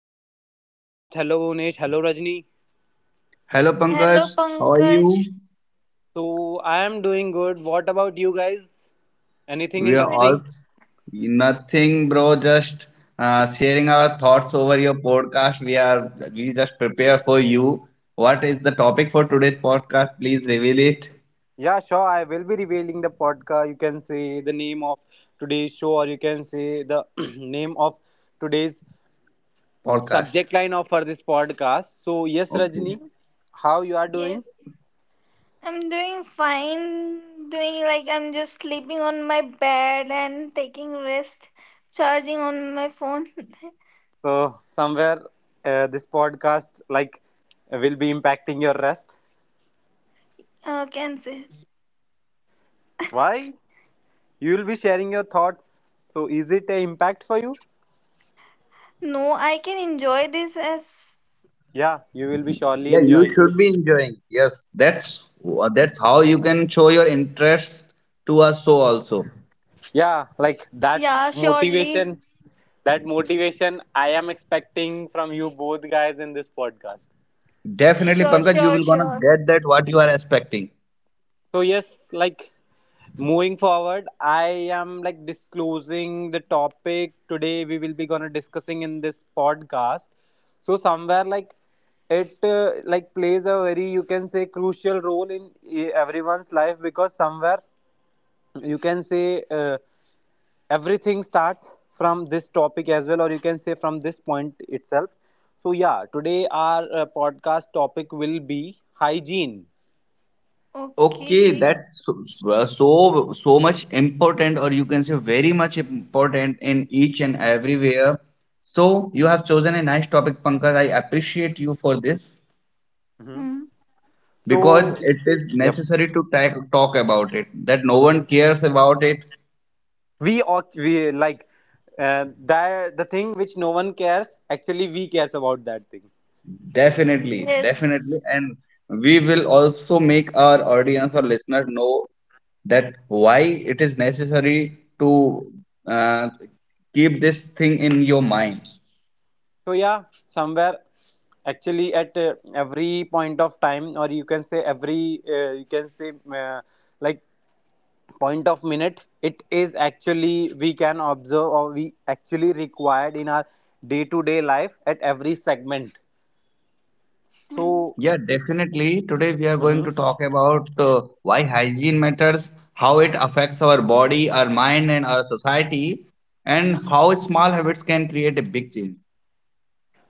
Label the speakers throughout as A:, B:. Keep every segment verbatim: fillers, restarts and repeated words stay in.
A: welcome to the podcast. Hello Unesh, hello Rajni.
B: Hello Pankaj,
C: Hello,
B: how are
C: Pankaj.
B: you?
A: So, I am doing good. What about you guys? Anything
B: We are
C: Good-
B: all
A: interesting?
B: nothing, bro. Just uh, sharing our thoughts over your podcast. We are we just prepare for you. What is the topic for today's podcast? Please reveal it.
A: Yeah, sure. I will be revealing the podcast. You can say the name of today's show, or you can say the name of today's
B: Podcast.
A: subject line of for this podcast. So, yes,
B: Okay.
A: Rajni, how you are doing?
C: Yes, I'm doing fine. Doing, like, I'm just sleeping on my bed and taking rest, charging on my phone.
A: So, somewhere uh, this podcast like will be impacting your rest.
C: Uh, can say
A: Why? You will be sharing your thoughts. So, is it an impact for you?
C: no. I can enjoy this as,
A: Yeah, you will be surely
B: Yeah, you
A: enjoying.
B: should be enjoying. Yes, that's uh, that's how you can show your interest to us. So also,
A: Yeah, like that
C: yeah, surely.
A: motivation, that motivation I am expecting from you both guys in this podcast.
B: definitely,
C: Sure,
B: Pankaj, you
C: sure,
B: will gonna
C: sure.
B: get that what you are expecting.
A: So, yes, like moving forward, I am like disclosing the topic today we will be gonna discussing in this podcast. So, somewhere like it uh, like plays a very you can say crucial role in e- everyone's life because somewhere you can say uh, everything starts from this topic as well or you can say from this point itself. So yeah, today our uh, podcast topic will be hygiene.
B: Okay,
C: Okay.
B: that's so, so so much important, or you can say very much important in each and everywhere. So you have chosen a nice topic, Pankaj. I appreciate you for this
A: Mhm.
C: Hmm.
B: because
A: So
B: it is
A: yep,
B: necessary to ta- talk about it. That no one cares about it,
A: we oc- we like uh, that the thing which no one cares actually we cares about that thing.
B: definitely, definitely,
C: Yes.
B: and we will also make our audience or listener know that why it is necessary to uh, keep this thing in your mind.
A: So yeah, somewhere actually at uh, every point of time or you can say every uh, you can say uh, like point of minute, it is actually we can observe or we actually required in our day to day life at every segment.
C: Hmm.
A: So
B: Yeah, definitely. Today we are going
A: mhm,
B: to talk about uh, why hygiene matters, how it affects our body, our mind, and our society, and
C: Hmm.
B: how small habits can create a big change.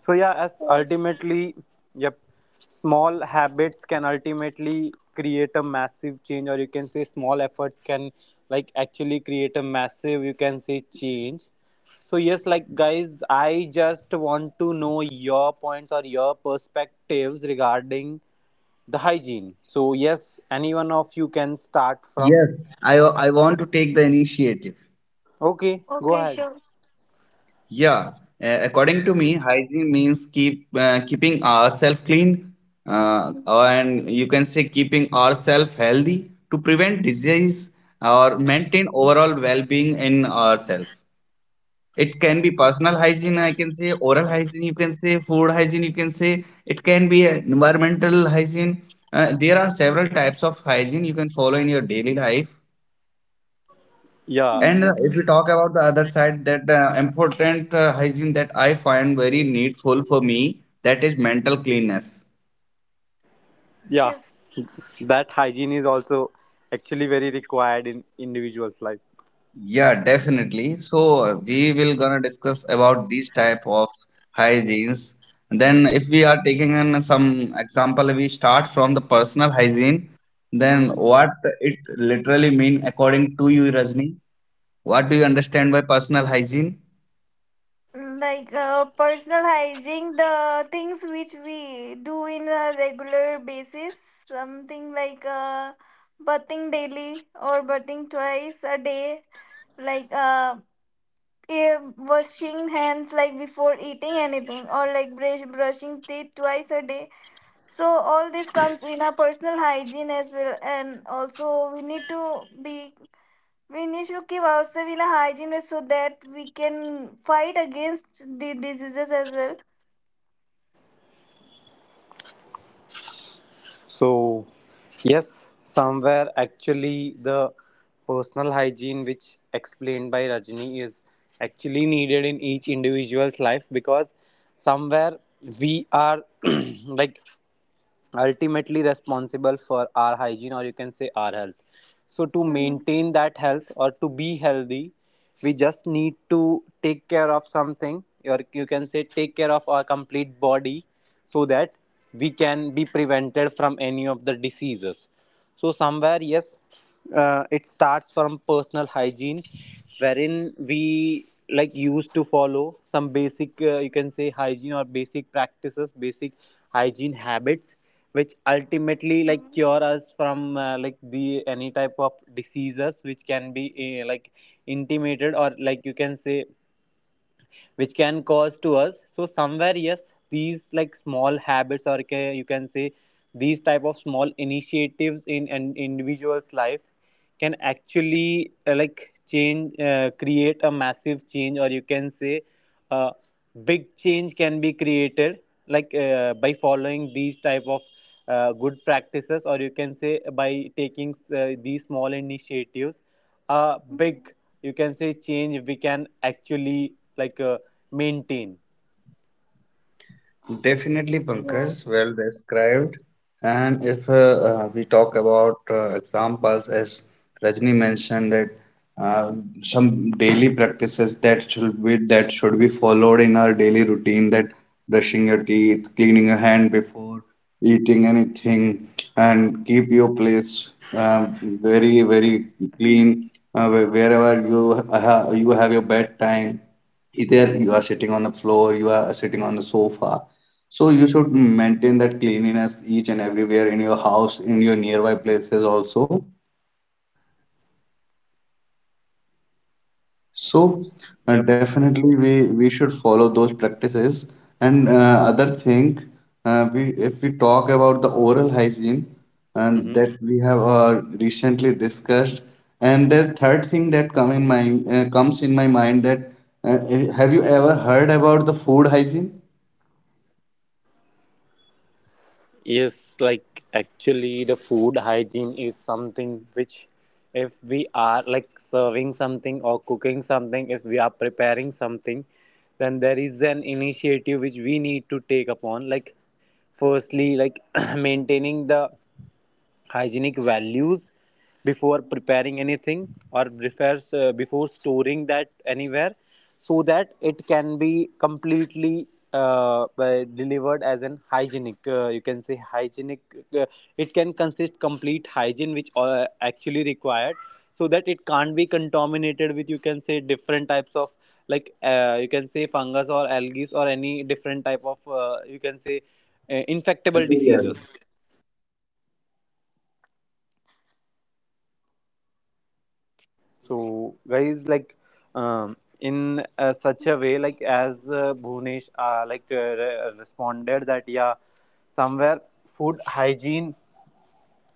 A: so yeah, as
C: Yes.
A: ultimately, yep, small habits can ultimately create a massive change, or you can say small efforts can like actually create a massive you can say change. So yes, like guys, I just want to know your points or your perspectives regarding the hygiene. So yes, anyone of you can start from.
B: Yes, I, I want to take the initiative.
A: Okay, go
C: Okay.
A: ahead.
C: Sure.
B: Yeah, uh, according to me, hygiene means keep uh, keeping ourselves clean, uh,
C: Hmm.
B: and you can say keeping ourselves healthy to prevent disease or maintain overall well-being in ourselves. It can be personal hygiene, I can say, oral hygiene, you can say, food hygiene, you can say, it can be environmental hygiene. Uh, there are several types of hygiene you can follow in your daily life.
A: Yeah,
B: And
C: Hmm.
B: uh, if we talk about the other side, that uh, important uh, hygiene that I find very needful for me, that is mental cleanness.
A: yeah.
C: Yes.
A: That hygiene is also actually very required in individuals' life.
B: Yeah, definitely. So uh, we will gonna discuss about these type of hygienes. Then if we are taking in some example, we start from the personal hygiene. Then
A: Mhm.
C: Hmm.
B: what it literally mean according to you, Rajni? What do you understand by personal hygiene?
C: Like, uh, personalizing the things which we do in a regular basis, something like, uh, bathing daily or bathing twice a day, like, uh, eh, washing hands like before eating anything, or like brush, brushing teeth twice a day. So all this comes in a personal hygiene as well, and also we need to be we need to keep ourselves in a hygiene way so that we can fight against the diseases as well.
A: So yes, somewhere actually the personal hygiene which explained by Rajni is actually needed in each individual's life because somewhere we are like ultimately responsible for our hygiene or you can say our health. So to
C: Mhm.
A: maintain that health or to be healthy, we just need to take care of something or you can say take care of our complete body so that we can be prevented from any of the diseases. So somewhere, yes, uh, it starts from personal hygiene, wherein we like used to follow some basic, uh, you can say, hygiene or basic practices, basic hygiene habits, which
C: Mhm.
A: ultimately like cure us from uh, like the any type of diseases which can be uh, like intimated or like you can say which can cause to us. So somewhere yes, these like small habits or ca- you can say these type of small initiatives in an individual's life can actually uh, like change uh, create a massive change, or you can say a big change can be created like uh, by following these type of uh, good practices, or you can say by taking uh, these small initiatives, uh, big you can say change we can actually like uh, maintain.
B: Definitely,
C: Yes.
B: Pankaj, well described. And if uh, uh, we talk about uh, examples, as Rajni mentioned, that uh, some daily practices that should be that should be followed in our daily routine, that brushing your teeth, cleaning your hand before eating anything, and keep your place um, very very
C: Mhm.
B: clean uh, where- wherever you ha you have your bedtime. Either you are sitting on the floor, you are sitting on the sofa, so you should maintain that cleanliness each and everywhere in your house, in your nearby places also. So uh,
A: Yep.
B: definitely we we should follow those practices. And uh, other thing, uh, we if we talk about the oral hygiene and
A: Mhm.
B: that we have uh, recently discussed, and the third thing that come in my uh, comes in my mind that uh, have you ever heard about the food hygiene?
A: Yes, like actually, the food hygiene is something which, if we are like serving something or cooking something, if we are preparing something, then there is an initiative which we need to take upon. Like, firstly, like maintaining the hygienic values before preparing anything or prefers, uh, before storing that anywhere so that it can be completely uh, uh, delivered as an hygienic uh, you can say hygienic, uh, it can consist complete hygiene which uh, actually required so that it can't be contaminated with you can say different types of like uh, you can say fungus or algae or any different type of uh, you can say uh, infectable
B: Better.
A: diseases. So, guys, like um, in uh, such a way, like as uh, Bhunesh uh, like uh, re- responded that yeah, somewhere food hygiene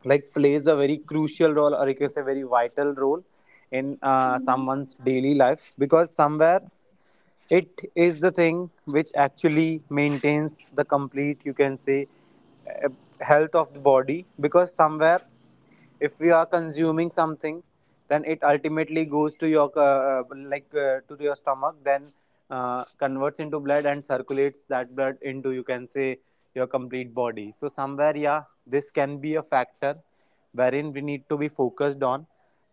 A: like plays a very crucial role or you can say very vital role in uh,
C: Mhm.
A: someone's daily life because somewhere it is the thing which actually maintains the complete, you can say, uh, health of the body because somewhere if we are consuming something, then it ultimately goes to your uh, like uh, to your stomach, then uh, converts into blood and circulates that blood into you can say your complete body. So somewhere yeah, this can be a factor wherein we need to be focused on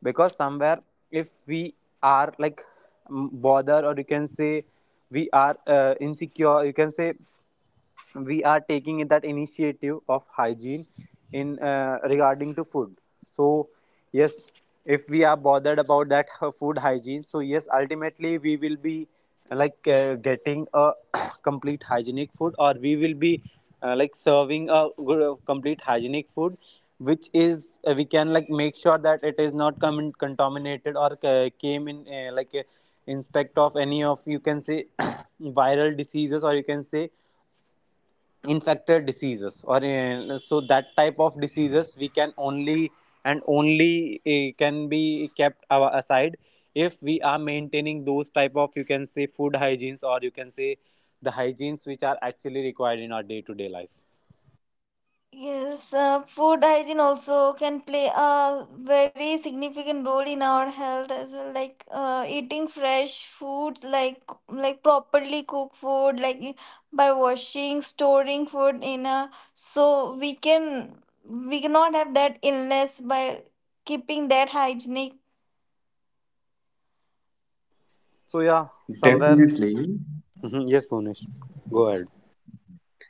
A: because somewhere if we are like mm, bothered or you can say we are uh, insecure, you can say we are taking in that initiative of hygiene in uh, regarding to food. So yes, if we are bothered about that uh, food hygiene, so yes ultimately we will be like uh, getting a complete hygienic food, or we will be uh, like serving a good, uh, complete hygienic food which is uh, we can like make sure that it is not com- contaminated or uh, came in uh, like uh, inspect of any of you can say viral diseases or you can say infected diseases or uh, so that type of diseases we can only and only uh, can be kept our aside if we are maintaining those type of you can say food hygienes, or you can say the hygienes which are actually required in our day to day life.
C: Yes, uh, food hygiene also can play a very significant role in our health as well. Like, uh, eating fresh foods, like, like properly cooked food, like, i- by washing, storing food in a, so we can we cannot have that illness by keeping that hygienic.
A: So yeah, somewhere
B: Definitely.
A: mhm, yes Bhunesh, go ahead.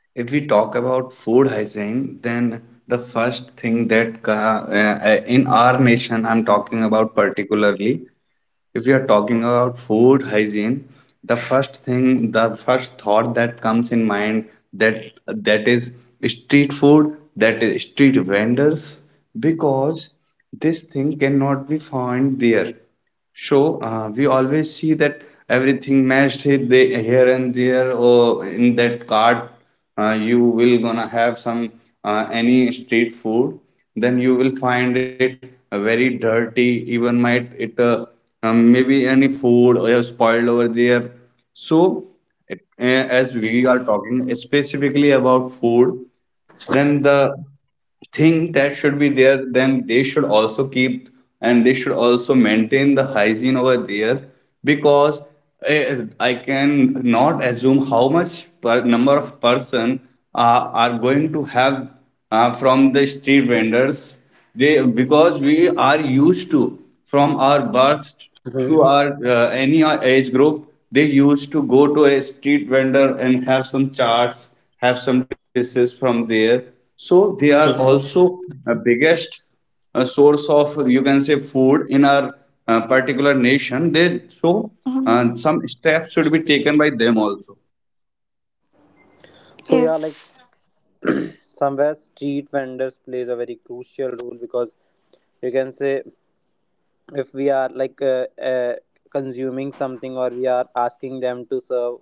B: If we talk about food hygiene, then the first thing that uh, uh, in our nation, I'm talking about particularly, if we are talking about food hygiene, the first thing, the first thought that comes in mind that that is street food, that is street vendors, because this thing cannot be found there. So uh, we always see that everything mashed it they, here and there or in that cart. Uh, you will gonna have some uh, any street food, then you will find it uh, very dirty, even might it uh, um, maybe any food or spoiled over there. So a- as we are talking specifically about food, then the thing that should be there, then they should also keep and they should also maintain the hygiene over there, because eh, I can not assume how much per number of person uh, are going to have uh, from the street vendors. They, because we are used to from our birth
A: Hmm,
B: to our uh, any age group, they used to go to a street vendor and have some charts, have some dishes from there. So they are also
A: hmm.
B: a biggest uh, source of you can say food in our uh, particular nation they, so uh,
C: Mhm.
B: some steps should be taken by them also.
A: So yeah, like
C: Yes,
A: somewhere street vendors plays a very crucial role because you can say if we are like uh, uh, consuming something or we are asking them to serve,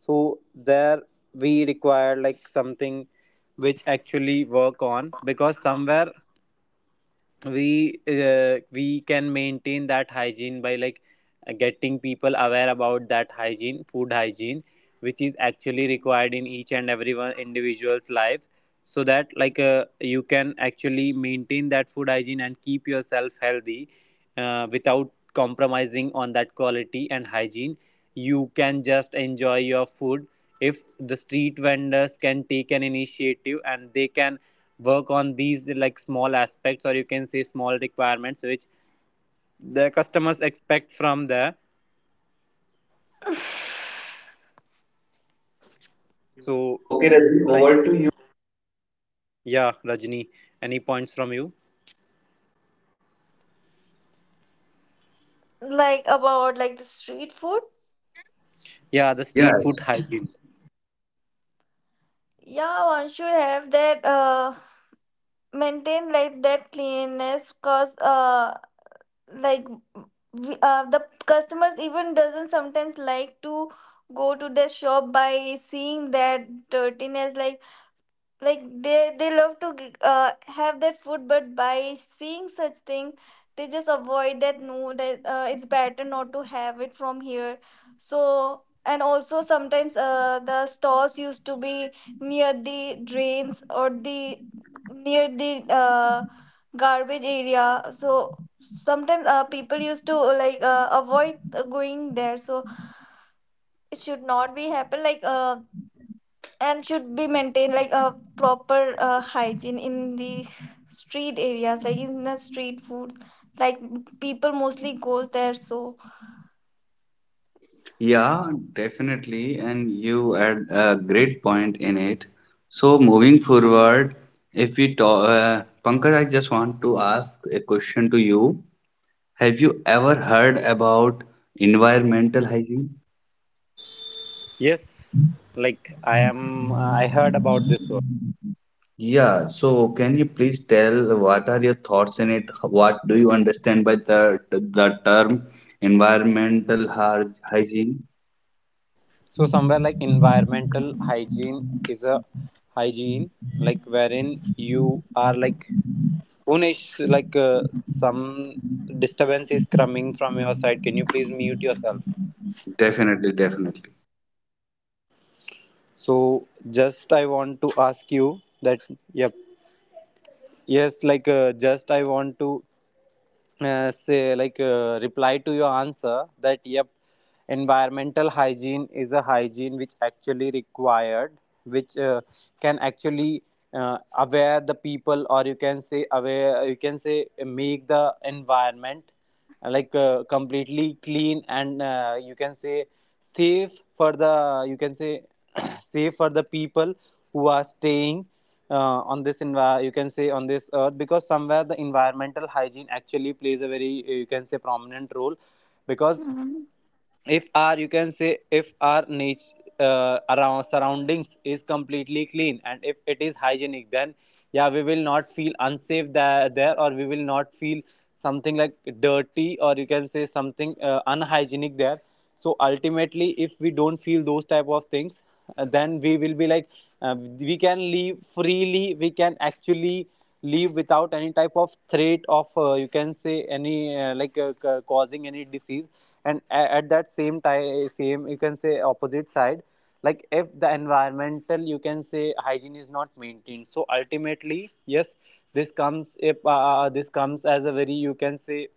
A: so there we require like something which actually work on because somewhere we uh, we can maintain that hygiene by like uh, getting people aware about that hygiene food hygiene which is actually required in each and every one individual's life so that like uh, you can actually maintain that food hygiene and keep yourself healthy, uh, without compromising on that quality and hygiene you can just enjoy your food if the street vendors can take an initiative and they can work on these like small aspects or you can say small requirements which the customers expect from there. So
B: Okay, Ravi,
A: like,
B: over to you.
A: yeah Rajni, any points from you?
C: like, about, like, the street food.
A: Yeah, the street food
B: Yes.
A: hygiene.
C: Yeah, one should have that. Uh, maintain like that cleanliness, cause, uh like, we, uh, the customers even doesn't sometimes like to go to the shop by seeing that dirtiness, like, like they they love to g- uh, have that food, but by seeing such thing they just avoid that, no, that, uh, it's better not to have it from here. So, and also sometimes uh, the stores used to be near the drains or the near the uh, garbage area. So sometimes uh, people used to, uh, like, uh, avoid uh, going there. So it should not be happen, like, uh, and should be maintained like a proper uh, hygiene in the street areas, like in the street food, like people mostly goes there, so.
B: Yeah, definitely. And you had a great point in it. So moving forward, if we talk, uh, Pankaj, I just want to ask a question to you. Have you ever heard about environmental hygiene?
A: Yes, like I am uh, I heard about this word.
B: Yeah, so can you please tell what are your thoughts in it? What do you understand by the the term environmental hy- hygiene?
A: So somewhere like environmental hygiene is a hygiene like wherein you are like Unish, like uh, some disturbance is coming from your side. Can you please mute yourself?
B: Definitely, definitely.
A: So just I want to ask you that yep, yes like uh, just I want to uh, say like uh, reply to your answer that yep, environmental hygiene is a hygiene which actually required, which uh, can actually uh, aware the people or you can say aware you can say make the environment uh, like uh, completely clean and uh, you can say safe for the you can say save for the people who are staying uh, on this envi- you can say on this earth because somewhere the environmental hygiene actually plays a very uh, you can say prominent role because
C: Mhm.
A: if our you can say if our nature uh, around surroundings is completely clean and if it is hygienic, then yeah we will not feel unsafe there, there, or we will not feel something like dirty or you can say something uh, unhygienic there. So ultimately if we don't feel those type of things, uh, then we will be like uh, we can live freely, we can actually live without any type of threat of uh, you can say any uh, like uh, ca- causing any disease. And at that same time, same you can say opposite side, like if the environmental you can say hygiene is not maintained, so ultimately yes, this comes if uh, uh, this comes as a very you can say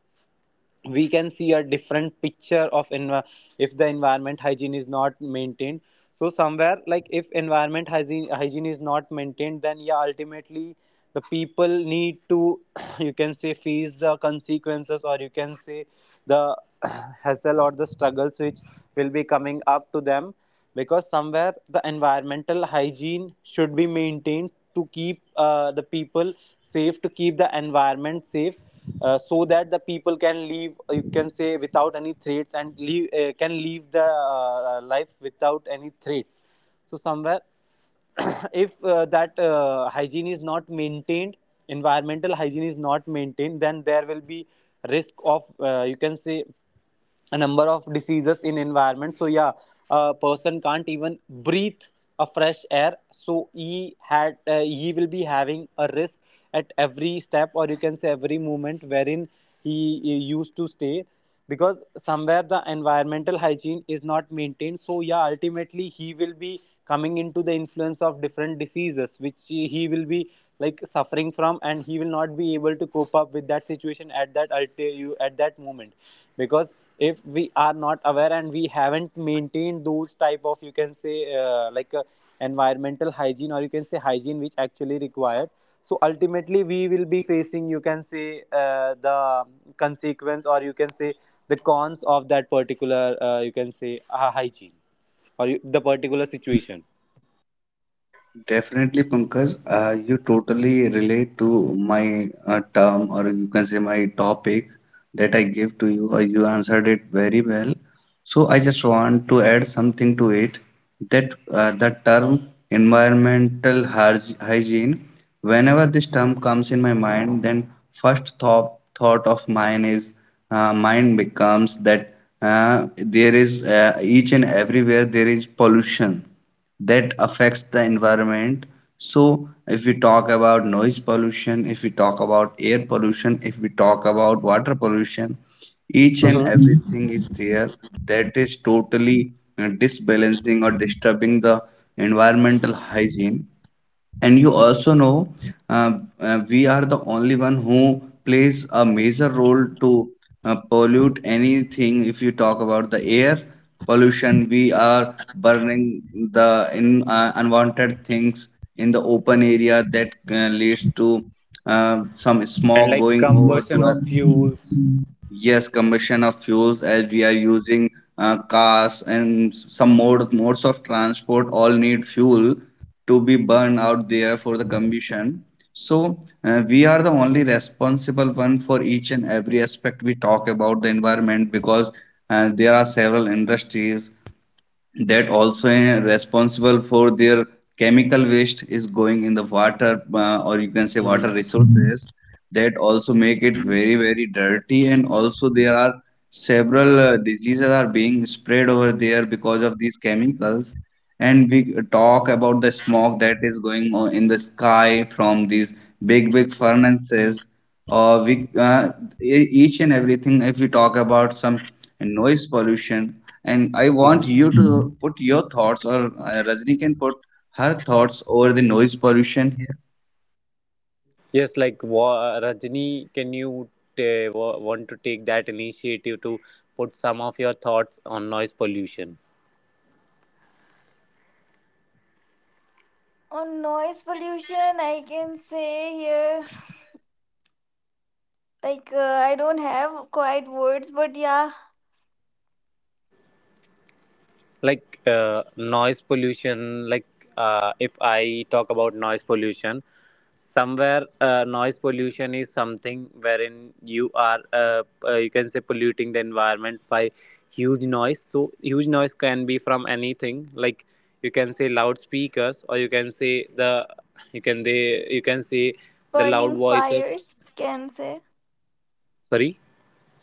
A: we can see a different picture of env- if the environment hygiene is not maintained. So somewhere like if environment hygiene hygiene is not maintained, then yeah ultimately the people need to you can say face the consequences, or you can say the hassle or the struggles which will be coming up to them because somewhere the environmental hygiene should be maintained to keep uh, the people safe, to keep the environment safe, uh, so that the people can live. You can say without any threats, and leave uh, can live the uh, life without any threats. So somewhere if uh, that uh, hygiene is not maintained, environmental hygiene is not maintained, then there will be risk of uh, you can say a number of diseases in environment. So yeah, a person can't even breathe a fresh air, so he had uh, he will be having a risk at every step, or you can say every moment wherein he, he used to stay, because somewhere the environmental hygiene is not maintained. So yeah, ultimately he will be coming into the influence of different diseases which he he will be like suffering from, and he will not be able to cope up with that situation at that ulti- at that moment. Because if we are not aware and we haven't maintained those type of you can say uh, like uh, environmental hygiene, or you can say hygiene which actually required, so ultimately we will be facing you can say uh, the consequence, or you can say the cons of that particular uh, you can say uh, hygiene or you, the particular situation.
B: Definitely, Pankaj, uh, you totally relate to my uh, term or you can say my topic that I gave to you, or you answered it very well. So I just want to add something to it, that uh, the term environmental hyg- hygiene, whenever this term comes in my mind, then first thought thought of mine is uh, mine becomes that uh, there is uh, each and everywhere there is pollution that affects the environment. So if we talk about noise pollution, if we talk about air pollution, if we talk about water pollution, each and
A: Hmm.
B: everything is there that is totally uh, disbalancing or disturbing the environmental hygiene. And you also know, uh, uh, we are the only one who plays a major role to uh, pollute anything. If you talk about the air pollution, we are burning the in, uh, unwanted things in the open area that uh, leads to uh, some
A: And
B: smog
A: like
B: going over
A: conversion
B: to us.
A: of fuels.
B: Yes, combustion of fuels. As we are using uh, cars and some mode, modes of transport, all need fuel to be burned out there for the combustion. So uh, we are the only responsible one for each and every aspect we talk about the environment, because uh, there are several industries that also uh, responsible for their chemical waste is going in the water, uh, or you can say water resources, that also make it very very dirty. And also there are several uh, diseases are being spread over there because of these chemicals. And we talk about the smoke that is going on in the sky from these big big furnaces, or we uh, e- each and everything if we talk about some, and noise pollution. And I want
A: Mhm.
B: you to put your thoughts, or uh, Rajni can put her thoughts over the noise pollution here.
A: Yes, like wa- Rajni, can you uh, wa- want to take that initiative to put some of your thoughts on noise pollution?
C: On noise pollution, I can say here, like, uh, I don't have quite words, but yeah.
A: Like uh, noise pollution, like uh, if I talk about noise pollution, somewhere uh, noise pollution is something wherein you are uh, uh, you can say polluting the environment by huge noise. So huge noise can be from anything, like you can say loudspeakers, or you can say the you can they you can say the loud
C: Burning
A: voices.
C: fires, can say.
A: Sorry.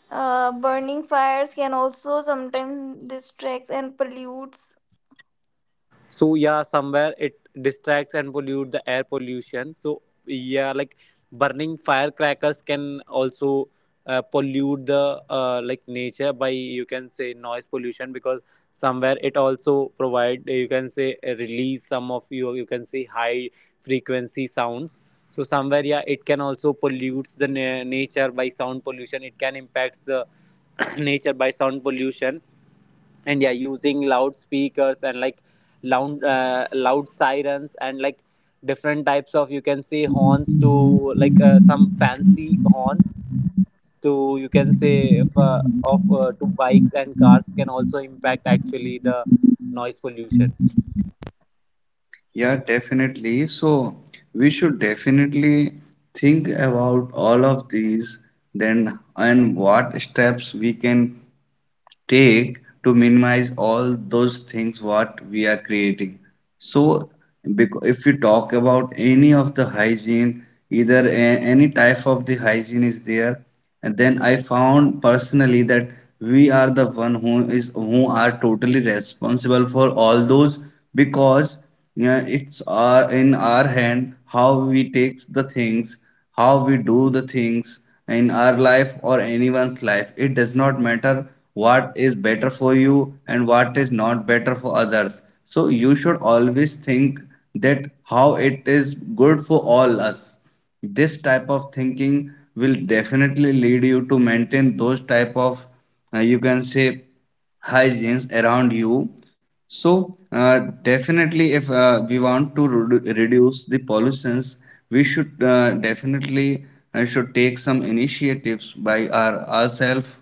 C: uh Burning fires can also sometimes distracts and pollutes.
A: So yeah, somewhere it distracts and pollute the air pollution. So yeah, like burning firecrackers can also uh, pollute the uh, like nature by you can say noise pollution, because somewhere it also provide you can say uh, release some of you you can say high frequency sounds. So somewhere, yeah, it can also pollutes the na- nature by sound pollution, it can impact the nature by sound pollution. And yeah, using loudspeakers, and like loud uh, loud sirens, and like different types of you can say horns to like uh, some fancy horns to you can say if, uh, of uh, to bikes and cars, can also impact actually the noise pollution.
B: Yeah, definitely. So we should definitely think about all of these, then, and what steps we can take to minimize all those things what we are creating. So bec- if you talk about any of the hygiene, either a- any type of the hygiene is there, and then I found personally that we are the one who is who are totally responsible for all those, because yeah, it's our, in our hand, how we takes the things, how we do the things in our life or anyone's life. It does not matter what is better for you and what is not better for others. So you should always think that how it is good for all us. This type of thinking will definitely lead you to maintain those type of uh, you can say hygienes around you. So uh, definitely, if uh, we want to redu- reduce the pollutions, we should uh, definitely uh, should take some initiatives by our ourselves.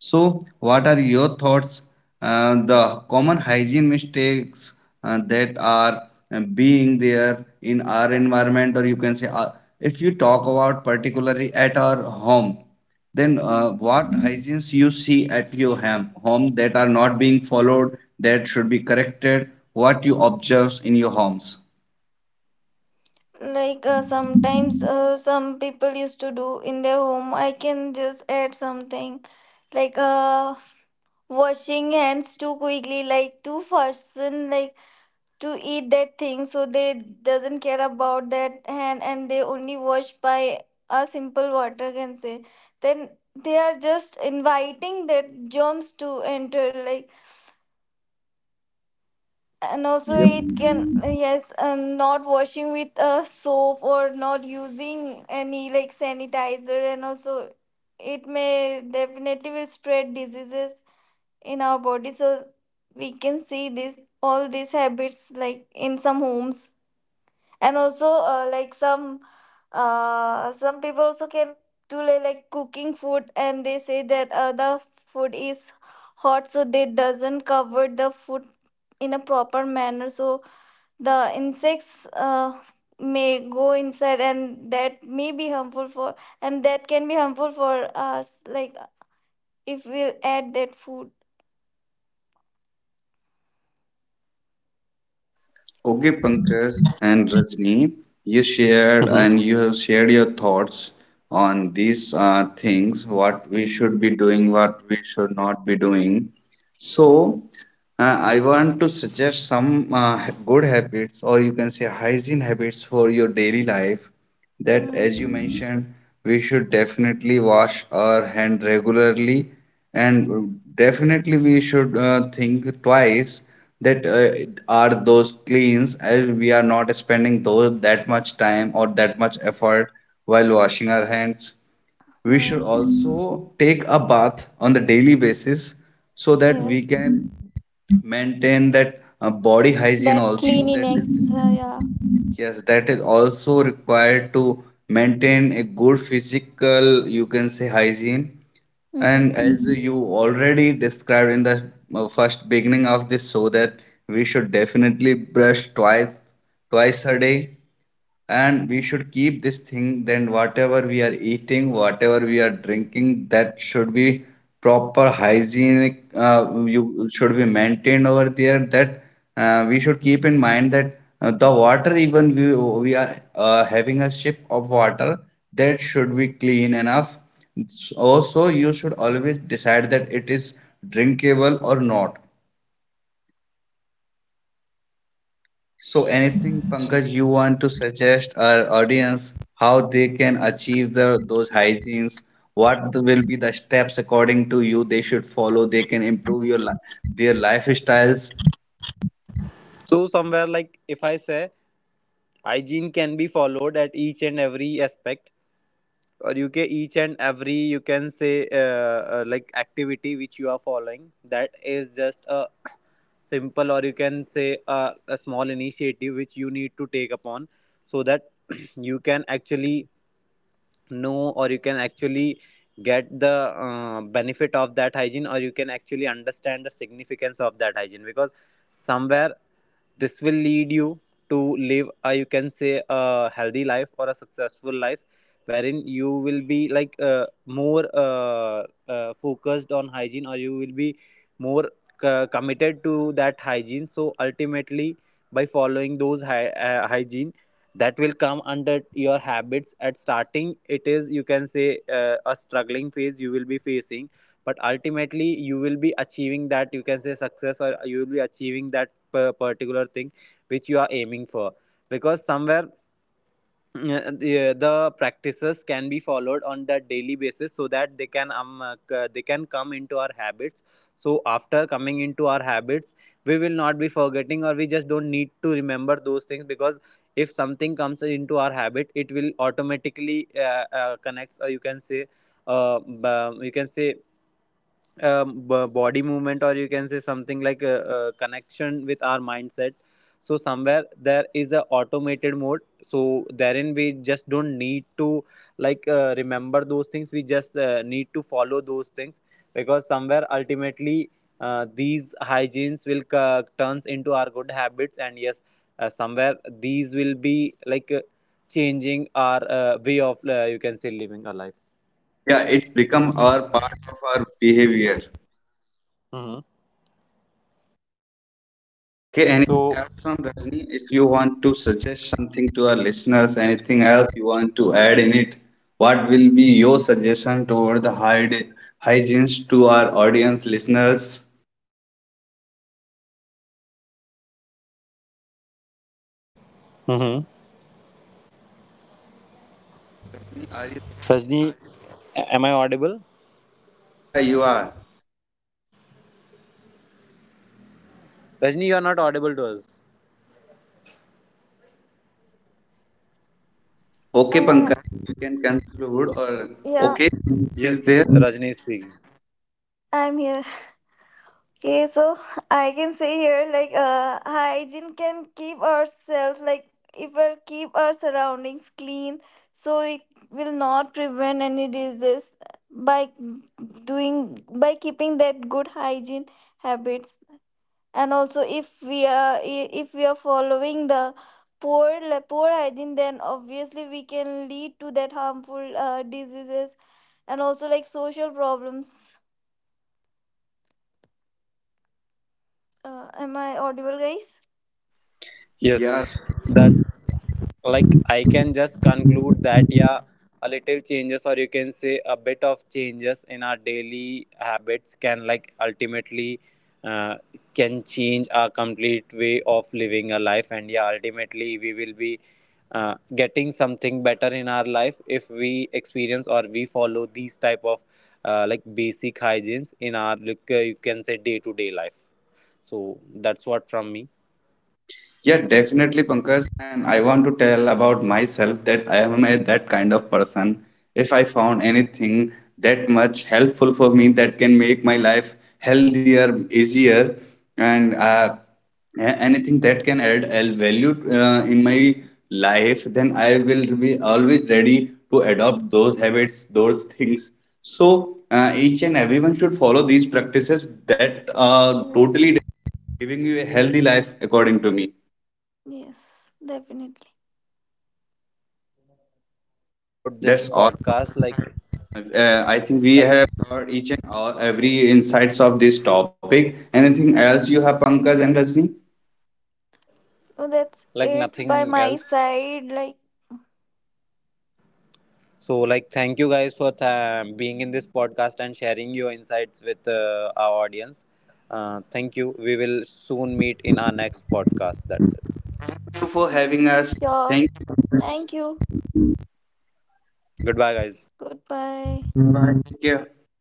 B: So, what are your thoughts? Uh, the common hygiene mistakes uh, that are uh, being there in our environment, or you can say, uh, if you talk about particularly at our home, then uh, what hygienes you see at your ham, home that are not being followed, that should be corrected, what you observe in your homes?
C: Like, uh, sometimes uh, some people used to do in their home. I can just add something, like, uh washing hands too quickly, like, too person, like, to eat that thing so they doesn't care about that hand, and they only wash by a simple water, can say. Then they are just inviting that germs to enter, like. And also,
B: Yep.
C: it can, yes, um, not washing with uh, soap, or not using any like sanitizer. And also it may definitely will spread diseases in our body. So we can see this, all these habits, like in some homes. And also, uh, like some, uh, some people also can do, like, like cooking food, and they say that uh, the food is hot, so they doesn't cover the food in a proper manner, so the insects uh, may go inside, and that may be harmful for, and that can be harmful for us, like, if we add that food.
B: Okay, Pankaj and Rajni, you shared
A: Mm-hmm.
B: and you have shared your thoughts on these uh, things, what we should be doing, what we should not be doing. So, uh, I want to suggest some uh, good habits, or you can say hygiene habits for your daily life. That,
C: Mm.
B: as you mentioned, we should definitely wash our hand regularly, and definitely we should uh, think twice that uh, are those cleans, as we are not spending those that much time or that much effort while washing our hands. We should
C: Mm.
B: also take a bath on the daily basis, so that we
C: Yes,
B: can maintain that uh, body hygiene
C: that
B: also. That
C: cleanliness, uh, yeah.
B: yes, that is also required to maintain a good physical you can say hygiene.
C: Mm.
B: And as you already described in the uh, first beginning of this, so that we should definitely brush twice twice a day. And we should keep this thing, then whatever we are eating, whatever we are drinking, that should be proper hygienic. Uh, you should be maintained over there, that uh, we should keep in mind that uh, the water, even we, we are uh, having a sip of water, that should be clean enough. Also you should always decide that it is drinkable or not. So, anything, Pankaj, you want to suggest our audience how they can achieve the those hygienes? What the- will be the steps according to you they should follow? They can improve your li their lifestyles.
A: So somewhere, like, if I say hygiene can be followed at each and every aspect, or you can each and every you can say uh, uh, like activity which you are following, that is just a simple, or you can say a a small initiative which you need to take upon, so that you can actually know, or you can actually get the uh, benefit of that hygiene, or you can actually understand the significance of that hygiene. Because somewhere this will lead you to live uh, you can say a healthy life or a successful life, wherein you will be like uh, more uh, uh, focused on hygiene, or you will be more c- committed to that hygiene. So ultimately, by following those hy- uh, hygiene, that will come under your habits. At starting, it is you can say uh, a struggling phase you will be facing, but ultimately you will be achieving that you can say success, or you will be achieving that per- particular thing which you are aiming for. Because somewhere uh, the, the practices can be followed on the daily basis, so that they can um, uh, they can come into our habits. So after coming into our habits, we will not be forgetting, or we just don't need to remember those things, because if something comes into our habit, it will automatically uh, uh, connects, or you can say uh, b- you can say um, b- body movement, or you can say something like a, a connection with our mindset. So somewhere there is a automated mode, so therein we just don't need to like uh, remember those things, we just uh, need to follow those things. Because somewhere ultimately uh, these hygienes will c- turns into our good habits. And yes, uh, somewhere these will be like uh, changing our uh, way of uh, you can say living a life.
B: Yeah, it's become our part of our behavior.
A: Hmm.
B: Okay, anything
A: So.
B: else from Rajni? If you want to suggest something to our listeners, anything else you want to add in it, what will be your suggestion toward the hyde- hygienes to our audience listeners?
A: Mhm.
B: Are you
A: Rajni, a- am I audible?
B: Yeah, you are.
A: Rajni, you are not audible to us.
B: Okay,
C: uh,
B: Pankaj, you can conclude or
C: yeah,
B: okay, she's there.
A: Rajni is speaking.
C: I'm here. Okay, so I can say here, like, uh, hygiene can keep ourselves, like, if we keep our surroundings clean, so it will not prevent any disease by doing by keeping that good hygiene habits. And also, if we are, if we are following the poor poor hygiene, then obviously we can lead to that harmful uh, diseases, and also like social problems. Uh, am I audible, guys?
A: Yes,
B: Yeah,
A: that. Like, I can just conclude that, yeah, a little changes, or you can say a bit of changes in our daily habits can, like, ultimately uh, can change our complete way of living a life. And yeah, ultimately we will be uh, getting something better in our life if we experience or we follow these type of uh, like basic hygienes in our like uh, you can say day to day life. So that's what from me.
B: yeah, definitely, Pankaj. And I want to tell about myself that I am a, that kind of person. If I found anything that much helpful for me that can make my life healthier, easier, and uh, a- anything that can add a value uh, in my life, then I will be always ready to adopt those habits, those things. So uh, each and everyone should follow these practices that are totally
C: Yes.
B: giving you a healthy life, according to me.
C: Yes, definitely.
A: So yeah, that's about this
B: That's all.
A: podcast, like
B: Uh, I think we
A: like
B: have covered each and all every insights of this topic. Anything else you have, Pankaj and Rajni?
C: No, that's
A: like
C: it by
A: nothing
C: my
A: else.
C: side. Like,
A: So like thank you guys for th- being in this podcast and sharing your insights with uh, our audience. Uh, thank you. We will soon meet in our next podcast. That's it.
B: Thank you for having us.
C: sure.
B: Thank you.
C: Thank you.
A: Goodbye, guys.
C: Goodbye.
B: Bye. Take care.